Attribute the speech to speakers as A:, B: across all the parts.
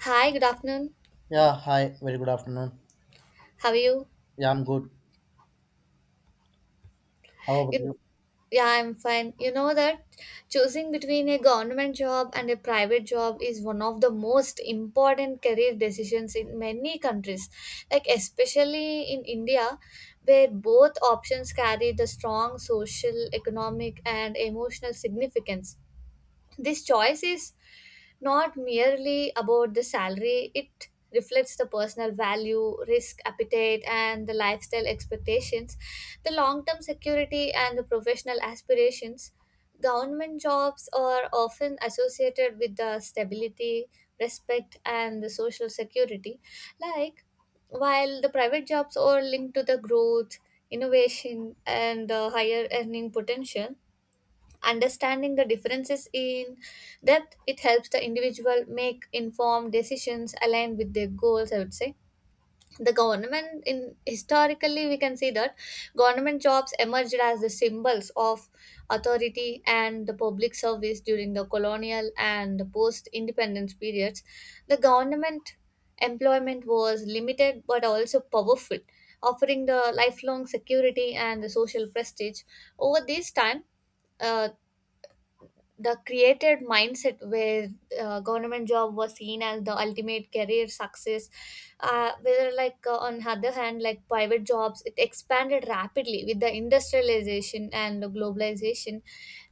A: Hi, good afternoon.
B: Yeah, hi, very good afternoon.
A: How are you?
B: Yeah, I'm good. How about
A: You,
B: you?
A: yeah, I'm fine. You know that choosing between a government job and a private job is one of the most important career decisions in many countries, like especially in India, where both options carry the strong social, economic, and emotional significance. This choice is not merely about the salary, it reflects the personal value, risk appetite, and the lifestyle expectations, the long term security, and the professional aspirations. Government jobs are often associated with the stability, respect, and the social security. Like, while the private jobs are linked to the growth, innovation, and the higher earning potential, understanding the differences in depth it helps the individual make informed decisions aligned with their goals, I would say. The government in Historically we can see that government jobs emerged as the symbols of authority and the public service during the colonial and the post independence periods. The government employment was limited but also powerful, offering the lifelong security and the social prestige. Over this time, uh, the created mindset where government job was seen as the ultimate career success. Whether like on other hand, like private jobs, it expanded rapidly with the industrialization and the globalization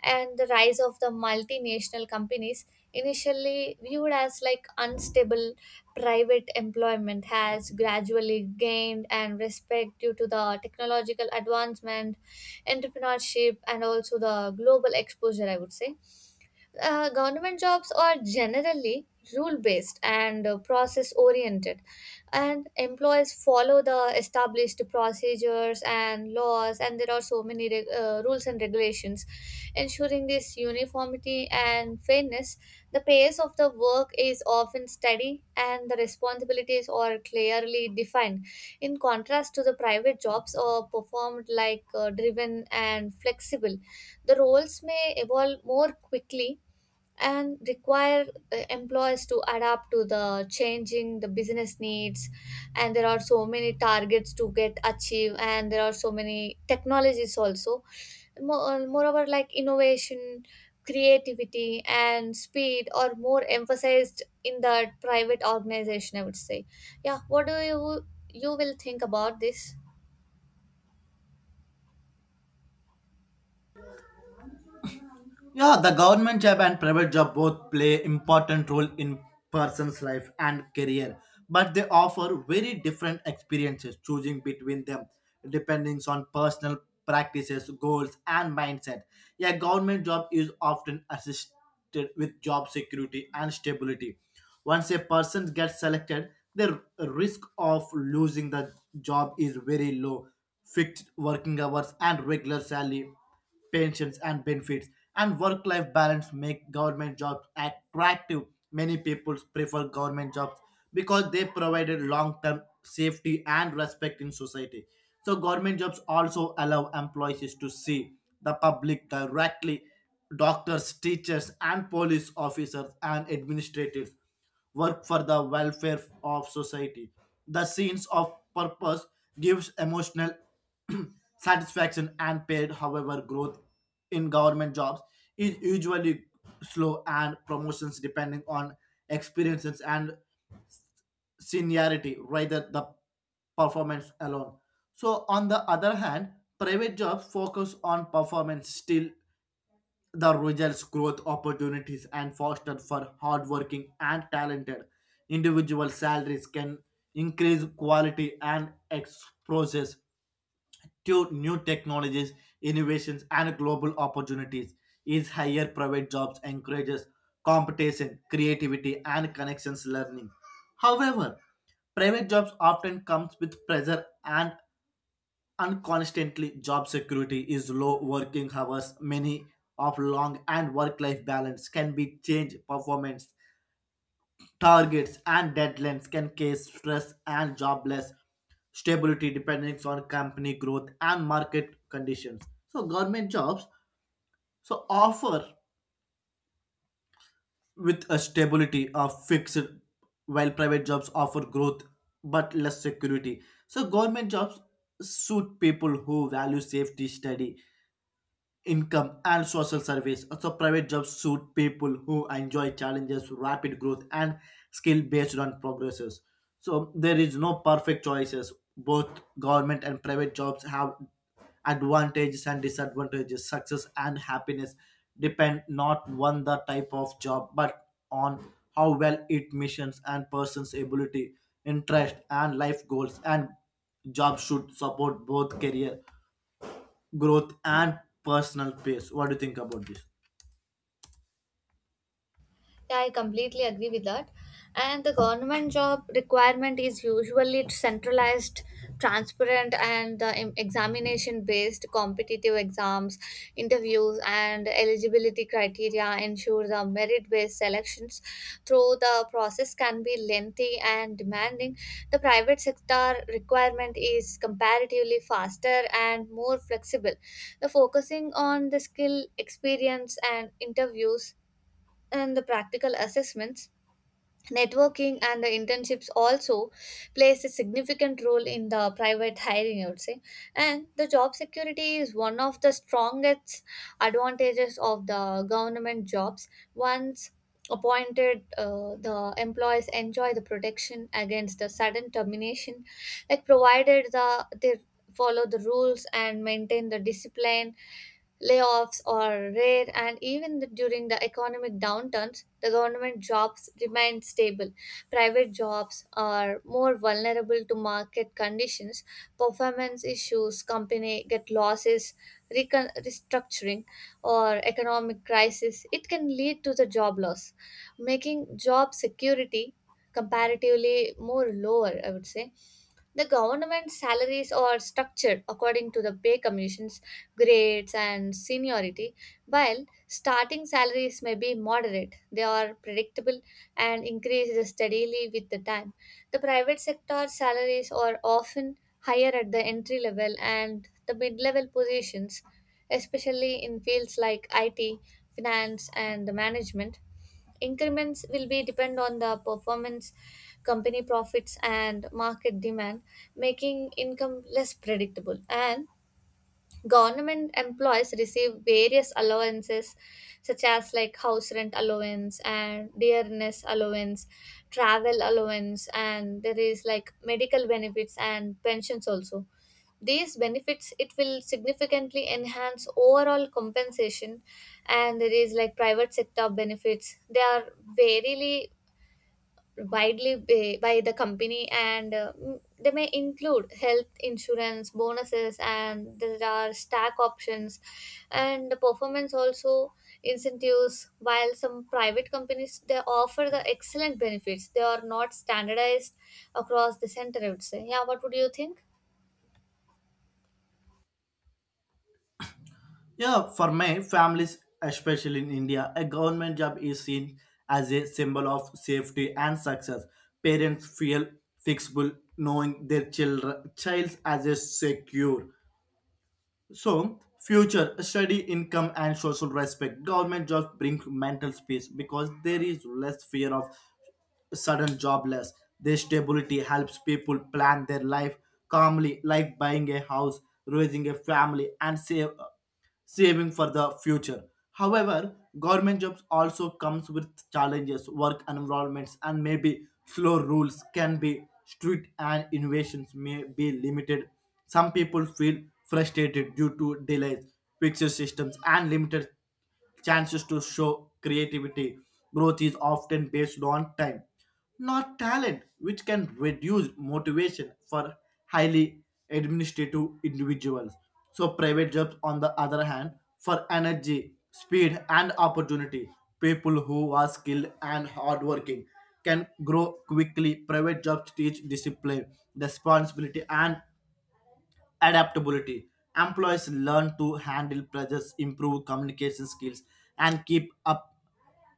A: and the rise of the multinational companies. Initially viewed as like unstable, private employment has gradually gained and respect due to the technological advancement, entrepreneurship, and also the global exposure, I would say. Government jobs are generally rule based and process oriented, and employees follow the established procedures and laws, and there are so many rules and regulations. Ensuring this uniformity and fairness, the pace of the work is often steady and the responsibilities are clearly defined. In contrast to the private jobs, are performed like driven and flexible. The roles may evolve more quickly and require employees to adapt to the changing the business needs, and there are so many targets to get achieved and there are so many technologies also. Moreover, like innovation, creativity, and speed are more emphasized in the private organization, I would say. Yeah, what do you you will think about this?
B: Yeah, the government job and private job both play important role in person's life and career, but they offer very different experiences choosing between them depending on personal practices, goals and mindset. A government job is often assisted with job security and stability. Once a person gets selected, the risk of losing the job is very low. Fixed working hours and regular salary pensions and benefits and work-life balance make government jobs attractive. Many people prefer government jobs because they provided long-term safety and respect in society. So government jobs also allow employees to see the public directly. Doctors, teachers, and police officers and administrators work for the welfare of society. The sense of purpose gives emotional satisfaction and paid. However, growth in government jobs is usually slow and promotions depending on experiences and seniority rather the performance alone. So on the other hand, private jobs focus on performance still the results growth opportunities and foster for hardworking and talented individual salaries can increase quality and exposures to new technologies innovations and global opportunities is higher. Private jobs encourages competition creativity and connections learning. However, private jobs often comes with pressure and constantly job security is low, working hours many of long and work life balance can be changed. Performance targets and deadlines can cause stress and jobless stability depending on company growth and market conditions. So government jobs so offer with a stability of fixed, while private jobs offer growth but less security. So government jobs suit people who value safety study income and social service. So private jobs suit people who enjoy challenges, rapid growth, and skill based on progresses. So there is no perfect choices. Both government and private jobs have advantages and disadvantages. Success and happiness depend not on the type of job, but on how well it missions and person's ability, interest, and life goals. And jobs should support both career growth and personal pace. What do you think about this?
A: Yeah, I completely agree with that. And the government job requirement is usually centralized, transparent, and examination based. Competitive exams, interviews, and eligibility criteria ensure the merit based selections. Though the process can be lengthy and demanding, the private sector requirement is comparatively faster and more flexible. The focusing on the skill, experience, and interviews and the practical assessments, networking, and the internships also plays a significant role in the private hiring, I would say. And the job security is one of the strongest advantages of the government jobs. Once appointed, the employees enjoy the protection against the sudden termination, like provided the they follow the rules and maintain the discipline. Layoffs are rare, and even during the economic downturns, the government jobs remain stable. Private jobs are more vulnerable to market conditions, performance issues, company get losses, restructuring, or economic crisis. It can lead to the job loss, making job security comparatively more lower, I would say. The government salaries are structured according to the pay commissions, grades, and seniority. While starting salaries may be moderate, they are predictable and increase steadily with the time. The private sector salaries are often higher at the entry level and the mid level positions, especially in fields like IT, finance, and the management. Increments will be depend on the performance, company profits, and market demand, making income less predictable. And government employees receive various allowances, such as like house rent allowance and dearness allowance, travel allowance, and there is like medical benefits and pensions also. These benefits, it will significantly enhance overall compensation. And there is like private sector benefits, they are varily widely by the company, and they may include health insurance, bonuses, and there are stack options and the performance also incentives. While some private companies they offer the excellent benefits, they are not standardized across the center, I would say. Yeah, what would you think?
B: Yeah, for my families, especially in India, a government job is seen as a symbol of safety and success. Parents feel fixable knowing their children child as a secure. So, future, steady income and social respect. Government jobs bring mental peace because there is less fear of sudden jobless. This stability helps people plan their life calmly, like buying a house, raising a family, and save saving for the future. However, government jobs also comes with challenges, work environments, and maybe slow rules can be strict and innovations may be limited. Some people feel frustrated due to delays, fixed systems, and limited chances to show creativity. Growth is often based on time, not talent, which can reduce motivation for highly administrative individuals. So, private jobs, on the other hand, for energy, speed, and opportunity. People who are skilled and hardworking can grow quickly. Private jobs teach discipline, responsibility, and adaptability. Employees learn to handle pressures, improve communication skills, and keep up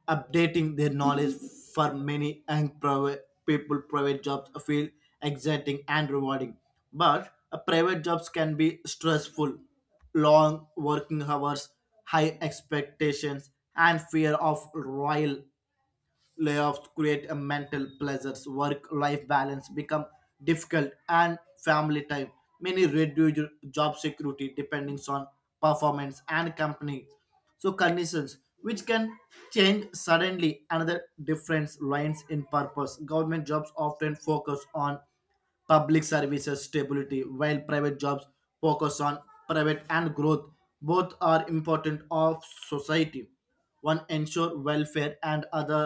B: updating their knowledge. For many young private people, private jobs feel exciting and rewarding, but private jobs can be stressful. Long working hours, high expectations, and fear of royal layoffs create a mental pleasures. Work life balance become difficult and family time many reduce job security depending on performance and company, so conditions which can change suddenly. Another difference lines in purpose: government jobs often focus on public services stability, while private jobs focus on private and growth. Both are important of society. One ensure welfare and other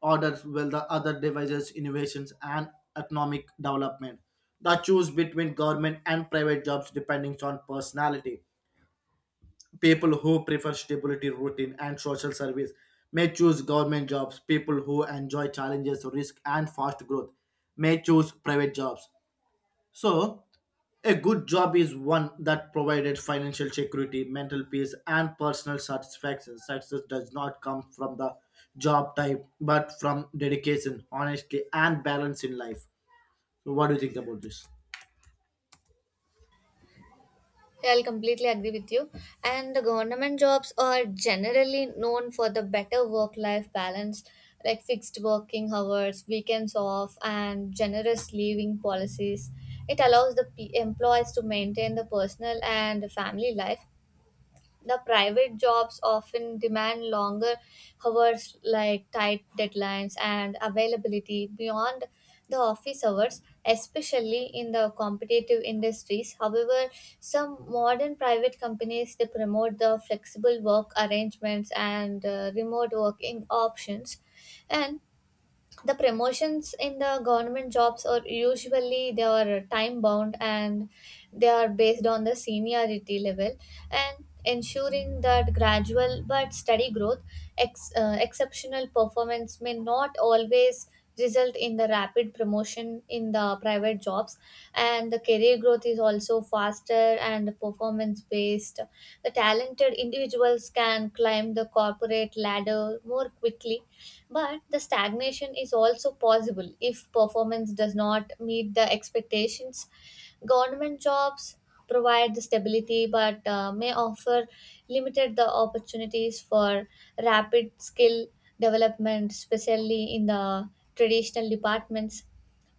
B: orders, while the other devices innovations and economic development. The choose between government and private jobs depending on personality. People who prefer stability routine and social service may choose government jobs. People who enjoy challenges risk and fast growth may choose private jobs. So, a good job is one that provided financial security, mental peace, and personal satisfaction. Success does not come from the job type, but from dedication, honesty, and balance in life. So, what do you think about this?
A: Yeah, I'll completely agree with you. And the government jobs are generally known for the better work life balance, like fixed working hours, weekends off, and generous leaving policies. It allows employees to maintain the personal and family life. The private jobs often demand longer hours, like tight deadlines and availability beyond the office hours, especially in the competitive industries. However, some modern private companies they promote the flexible work arrangements and remote working options. And the promotions in the government jobs are usually they are time bound and they are based on the seniority level and ensuring that gradual but steady growth. Exceptional performance may not always result in the rapid promotion. In the private jobs, and the career growth is also faster and performance based. The talented individuals can climb the corporate ladder more quickly, but the stagnation is also possible if performance does not meet the expectations. Government jobs provide the stability but may offer limited the opportunities for rapid skill development, especially in the traditional departments.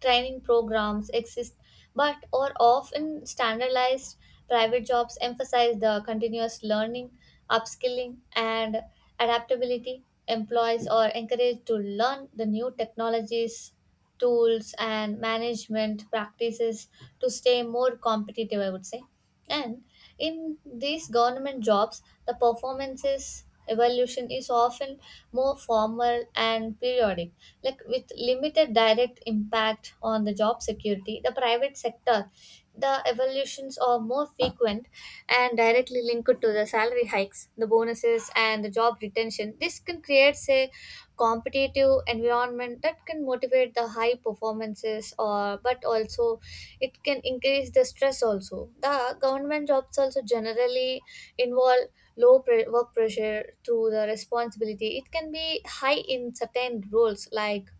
A: Training programs exist but are often standardized. Private jobs emphasize the continuous learning, upskilling, and adaptability. Employees are encouraged to learn the new technologies, tools, and management practices to stay more competitive, I would say. And in these government jobs, the performances evaluation is often more formal and periodic, like with limited direct impact on the job security. The private sector, the evolutions are more frequent and directly linked to the salary hikes, the bonuses, and the job retention. This can create a competitive environment that can motivate the high performances or but also it can increase the stress also. The government jobs also generally involve work pressure through the responsibility. It can be high in certain roles like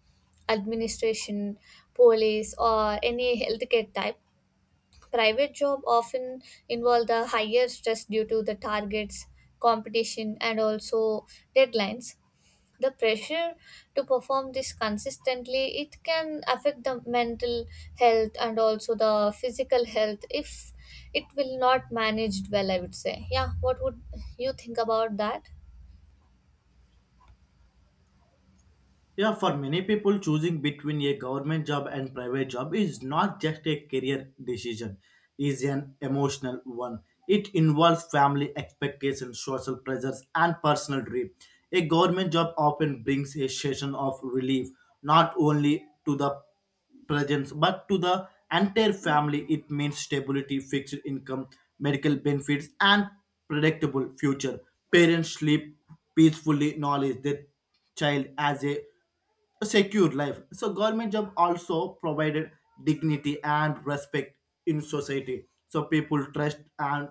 A: administration, police, or any healthcare type. Private job often involve the higher stress due to the targets, competition, and also deadlines. The pressure to perform this consistently, it can affect the mental health and also the physical health if it will not managed well, I would say. Yeah, what would you think about that?
B: Yeah, for many people, choosing between a government job and private job is not just a career decision, is an emotional one. It involves family expectations, social pressures, and personal dream. A government job often brings a session of relief, not only to the presence, but to the entire family. It means stability, fixed income, medical benefits, and predictable future. Parents sleep peacefully, knowledge their child as a secure life. So government job also provided dignity and respect in society. So people trust and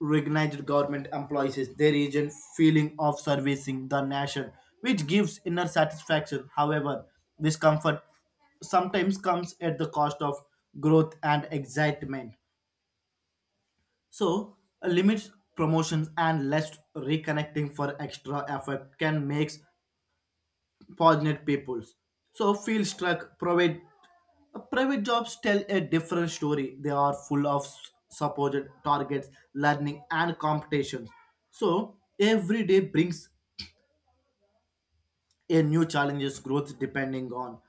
B: recognized government employees. Is there is a feeling of servicing the nation, which gives inner satisfaction. However, discomfort sometimes comes at the cost of growth and excitement. So, limits promotions and less reconnecting for extra effort can make passionate peoples. So, feel struck. Private jobs tell a different story. They are full of supposed targets, learning, and competitions. So, every day brings a new challenges growth depending on.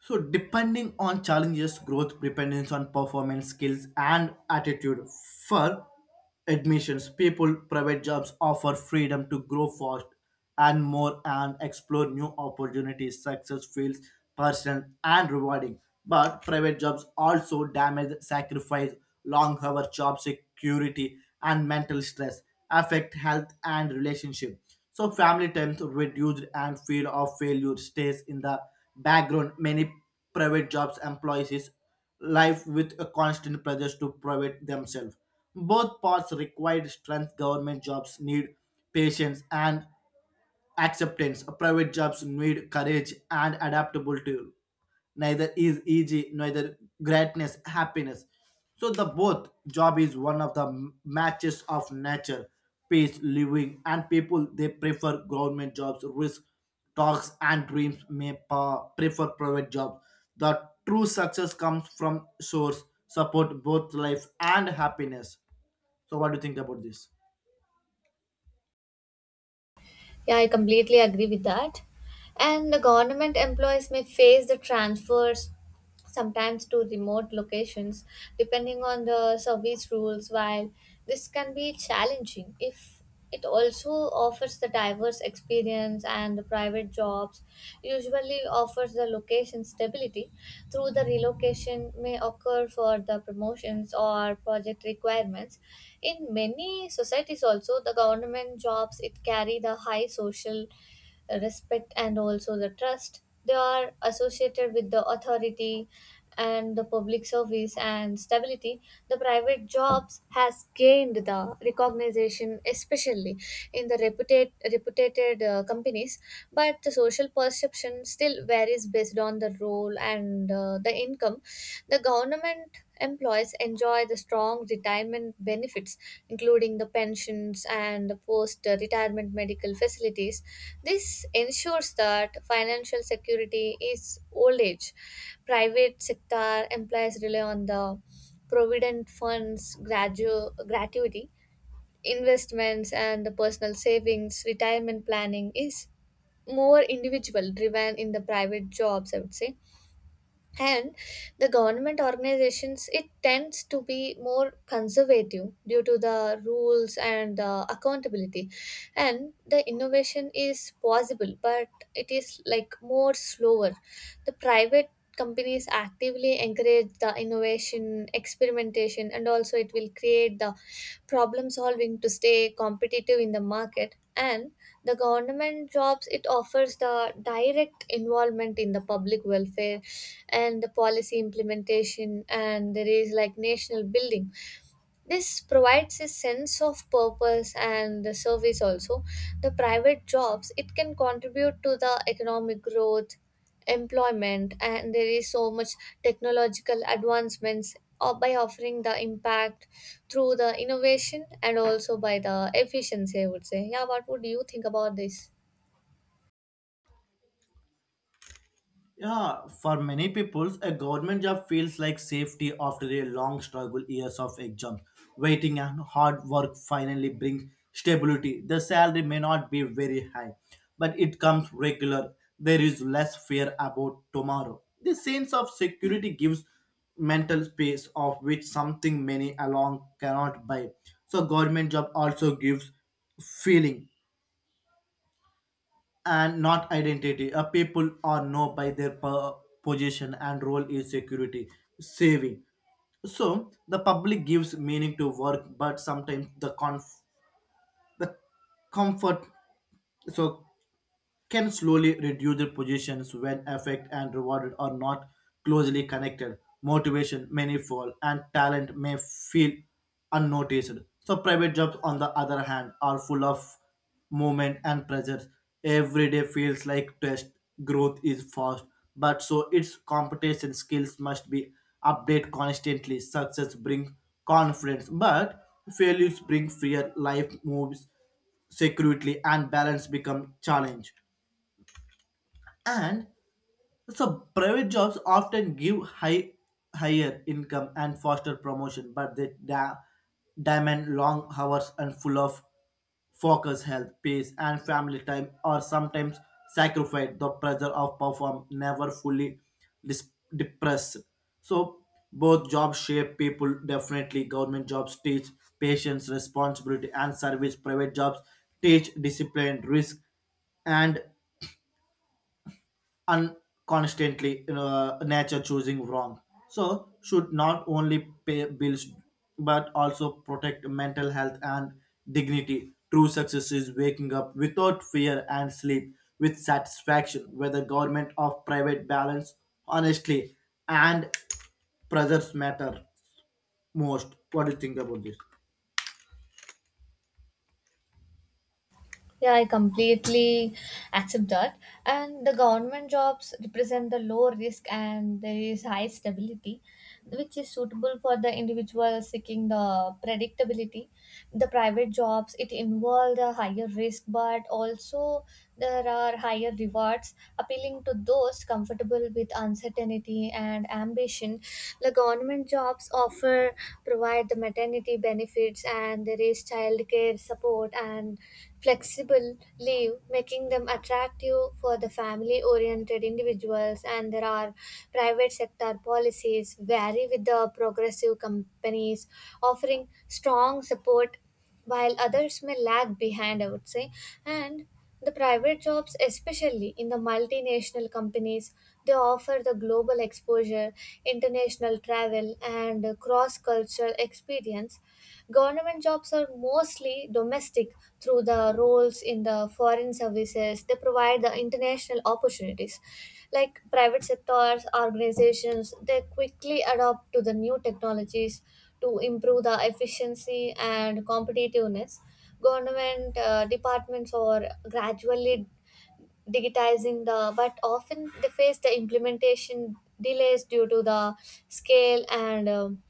B: So, depending on challenges, growth depends on performance, skills, and attitude. For admissions, people, private jobs offer freedom to grow fast and more and explore new opportunities. Success feels personal and rewarding, but private jobs also damage, sacrifice, long hour job security, and mental stress affect health and relationship. So family times reduced and fear of failure stays in the background. Many private jobs employees is life with a constant pressure to private themselves. Both parts require strength. Government jobs need patience and acceptance. Private jobs need courage and adaptability. Neither is easy, neither greatness happiness. So the both job is one of the matches of nature peace living, and people they prefer government jobs. Risk talks and dreams may prefer private jobs. The true success comes from source support both life and happiness. So what do you think about this?
A: Yeah, I completely agree with that. And the government employees may face the transfers sometimes to remote locations depending on the service rules, while this can be challenging if it also offers the diverse experience. And private jobs usually offers the location stability through the relocation may occur for the promotions or project requirements. In many societies also the government jobs it carry the high social respect and also the trust. They are associated with the authority and the public service and stability. The private jobs has gained the recognition, especially in the reputed companies. But the social perception still varies based on the role and the income. The government employees enjoy the strong retirement benefits, including the pensions and the post retirement medical facilities. This ensures that financial security is old age. Private sector employees rely on the provident funds, gratuity, investments, and the personal savings. Retirement planning is more individual driven in the private jobs, I would say. And the government organizations it tends to be more conservative due to the rules and the accountability, and the innovation is possible but it is like more slower. The private companies actively encourage the innovation, experimentation, and also it will create the problem solving to stay competitive in the market. And the government jobs it offers the direct involvement in the public welfare and the policy implementation, and there is like national building. This provides a sense of purpose and the service also. The private jobs it can contribute to the economic growth, employment, and there is so much technological advancements, by offering the impact through the innovation and also by the efficiency, I would say. Yeah, what would you think about this?
B: Yeah, for many people, a government job feels like safety after a long struggle. Years of exams, waiting, and hard work finally bring stability. The salary may not be very high, but it comes regular. There is less fear about tomorrow. The sense of security gives mental space of which something many along cannot buy. So government job also gives feeling and not identity. A people are known by their position and role in security, saving. So the public gives meaning to work, but sometimes the the comfort. So can slowly reduce their positions when effect and reward are not closely connected. Motivation may fall and talent may feel unnoticed. So private jobs on the other hand are full of movement and pressure. Every day feels like test. Growth is fast, but so its competition. Skills must be updated constantly. Success brings confidence, but failures bring fear. Life moves securely and balance become challenge. And so private jobs often give higher income and faster promotion, but they demand long hours and full of focus. Health peace and family time are sometimes sacrificed. The pressure of perform never fully dis- depressed. So both jobs shape people definitely. Government jobs teach patience responsibility and service. Private jobs teach discipline risk and and constantly nature choosing wrong. So should not only pay bills, but also protect mental health and dignity. True success is waking up without fear and sleep with satisfaction, whether government or private balance honestly and pressures matter most. What do you think about this?
A: Yeah, I completely accept that. And the government jobs represent the low risk and there is high stability, which is suitable for the individual seeking the predictability. The private jobs, it involves the higher risk, but also there are higher rewards, appealing to those comfortable with uncertainty and ambition. The government jobs offer provide the maternity benefits, and there is childcare support and flexible leave, making them attractive for the family oriented individuals. And there are private sector policies vary with the progressive companies, offering strong support while others may lag behind, I would say. And the private jobs, especially in the multinational companies, they offer the global exposure, international travel, and cross cultural experience. Government jobs are mostly domestic through the roles in the foreign services, they provide the international opportunities. Like private sectors, organizations, they quickly adapt to the new technologies to improve the efficiency and competitiveness. Government departments are gradually digitizing the but often they face the implementation delays due to the scale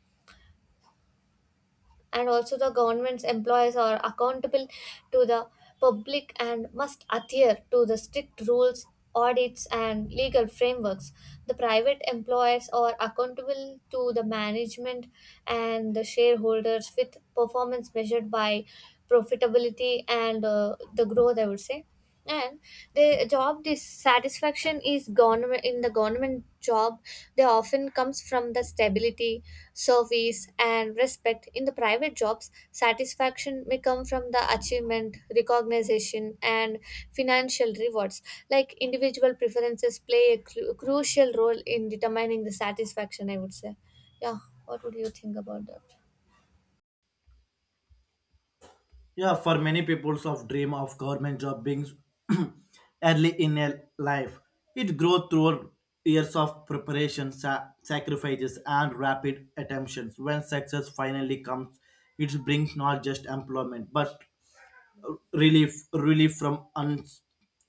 A: and also the government's employees are accountable to the public and must adhere to the strict rules, audits, and legal frameworks. The private employers are accountable to the management and the shareholders, with performance measured by profitability and the growth, I would say. And the job dissatisfaction is government in the government job, they often comes from the stability, service, and respect. In the private jobs, satisfaction may come from the achievement, recognition, and financial rewards. Like individual preferences play a crucial role in determining the satisfaction, I would say. Yeah, what would you think about that?
B: Yeah, for many people's of dream of government job being early in a life, it grows through years of preparation, sacrifices, and rapid attemptions. When success finally comes, it brings not just employment but relief from un,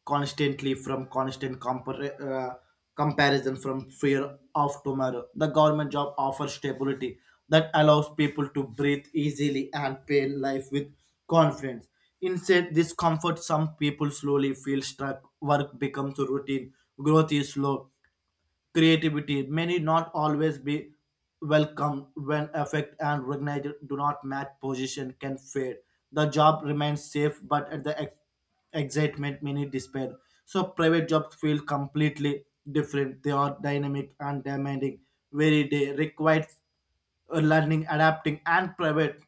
B: constantly from constant comparison from fear of tomorrow. The government job offers stability that allows people to breathe easily and pay life with confidence. Instead this comforts some people slowly feel stuck. Work becomes routine, growth is slow, creativity many not always be welcome. When effect and recognized do not match, position can fade. The job remains safe, but at the excitement many despair. So private jobs feel completely different. They are dynamic and demanding. Very day required learning adapting and private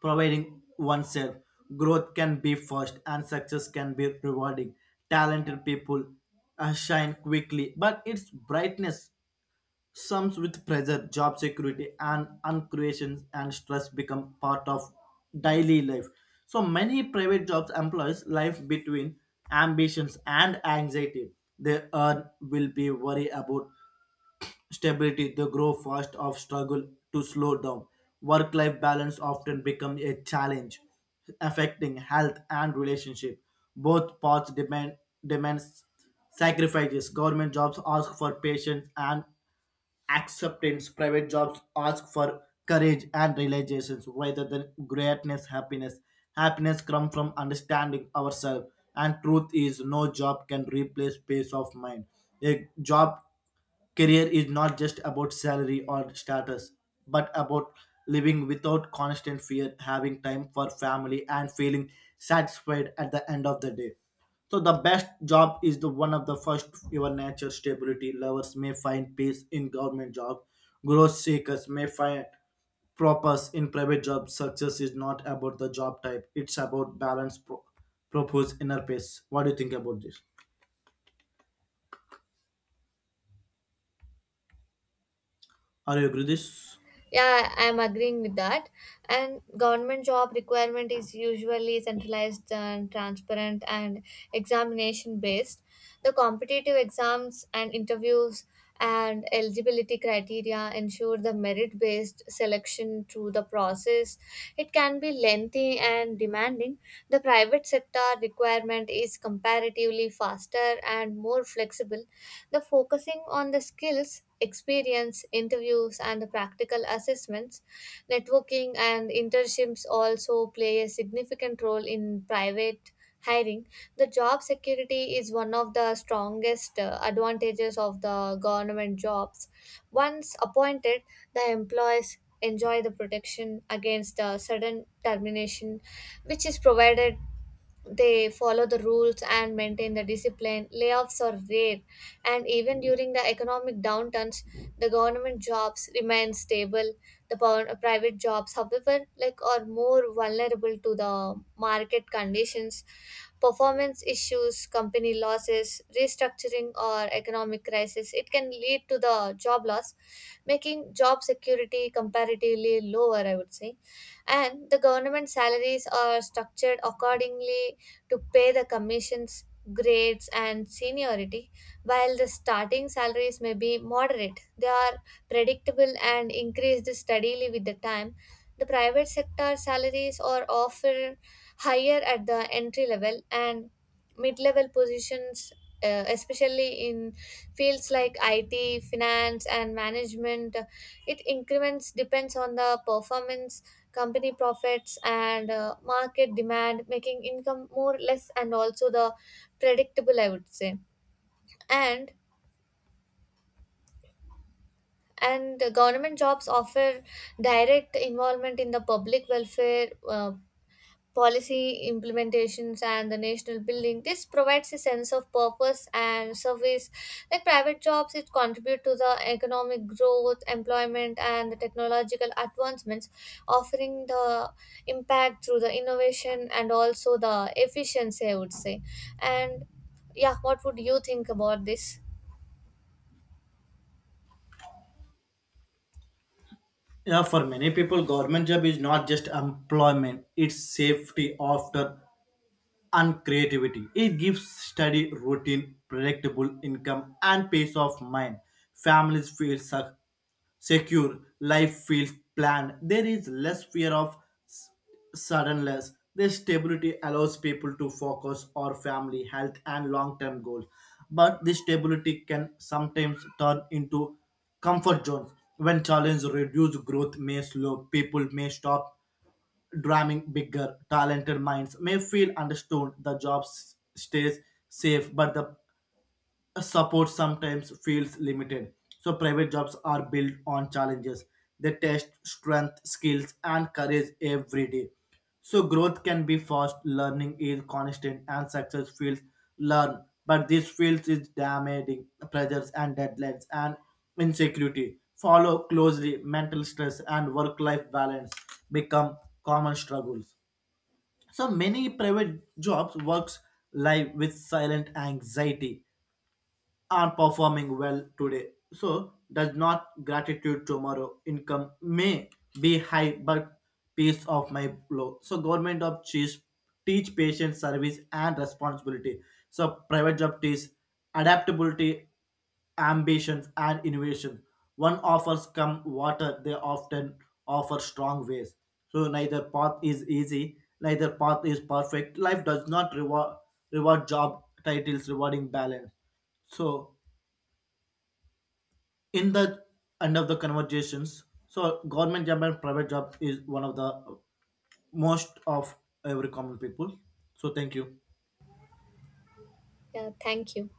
B: providing oneself. Growth can be fast and success can be rewarding. Talented people shine quickly, but its brightness comes with pressure, job security, and uncreations and stress become part of daily life. So many private jobs employs life between ambitions and anxiety. They earn will be worry about stability, the grow fast of struggle to slow down. Work life balance often becomes a challenge, affecting health and relationship. Both paths demand demands sacrifices. Government jobs ask for patience and acceptance. Private jobs ask for courage and realizations rather than greatness, happiness. Happiness comes from understanding ourselves, and truth is no job can replace peace of mind. A job career is not just about salary or status, but about living without constant fear, having time for family, and feeling satisfied at the end of the day. So the best job is the one of the first your nature stability. Lovers may find peace in government job. Growth seekers may find purpose in private job. Success is not about the job type. It's about balance, purpose, inner peace. What do you think about this? Are you agree with this?
A: Yeah, I am agreeing with that. And government job requirement is usually centralized and transparent and examination based. The competitive exams and interviews and eligibility criteria ensure the merit based selection through the process. It can be lengthy and demanding. The private sector requirement is comparatively faster and more flexible. The focusing on the skills, experience, interviews, and the practical assessments, networking, and internships also play a significant role in private hiring. The job security is one of the strongest advantages of the government jobs. Once appointed, the employees enjoy the protection against the sudden termination, which is provided they follow the rules and maintain the discipline. Layoffs are rare, and even during the economic downturns, the government jobs remain stable. The private jobs, however, like are more vulnerable to the market conditions, performance issues, company losses, restructuring, or economic crisis. It can lead to the job loss, making job security comparatively lower, I would say. And the government salaries are structured accordingly to pay the commissions, grades, and seniority. While the starting salaries may be moderate, they are predictable and increased steadily with the time. The private sector salaries are often higher at the entry level and mid-level positions, especially in fields like IT, finance, and management. It increments depends on the performance, company profits, and market demand, making income more less and also the predictable, I would say. And the government jobs offer direct involvement in the public welfare, policy implementations and the national building. This provides a sense of purpose and service. Like private jobs it contribute to the economic growth, employment, and the technological advancements, offering the impact through the innovation and also the efficiency, I would say. And yeah, what would you think about this?
B: Yeah, for many people, government job is not just employment, it's safety after and creativity. It gives steady routine, predictable income, and peace of mind. Families feel secure, life feels planned. There is less fear of s- suddenness. This stability allows people to focus on family, health, and long term goals. But this stability can sometimes turn into comfort zones. When challenges reduce, growth may slow, people may stop dreaming bigger. Talented minds may feel understood. The job stays safe, but the support sometimes feels limited. So private jobs are built on challenges. They test strength, skills, and courage every day. So growth can be fast, learning is constant, and success feels learn. But this feels is damaging pressures and deadlines and insecurity. Follow closely mental stress and work-life balance become common struggles. So many private jobs works live with silent anxiety are performing well today. So does not gratitude tomorrow. Income may be high, but peace of my low. So government job teach patient service and responsibility. So private job teach adaptability, ambitions and innovation. One offers come water, they often offer strong ways. So neither path is easy, neither path is perfect. Life does not reward reward job titles rewarding balance. So in the end of the conversations, so government job and private job is one of the most of every common people. So thank you.
A: Yeah, thank you.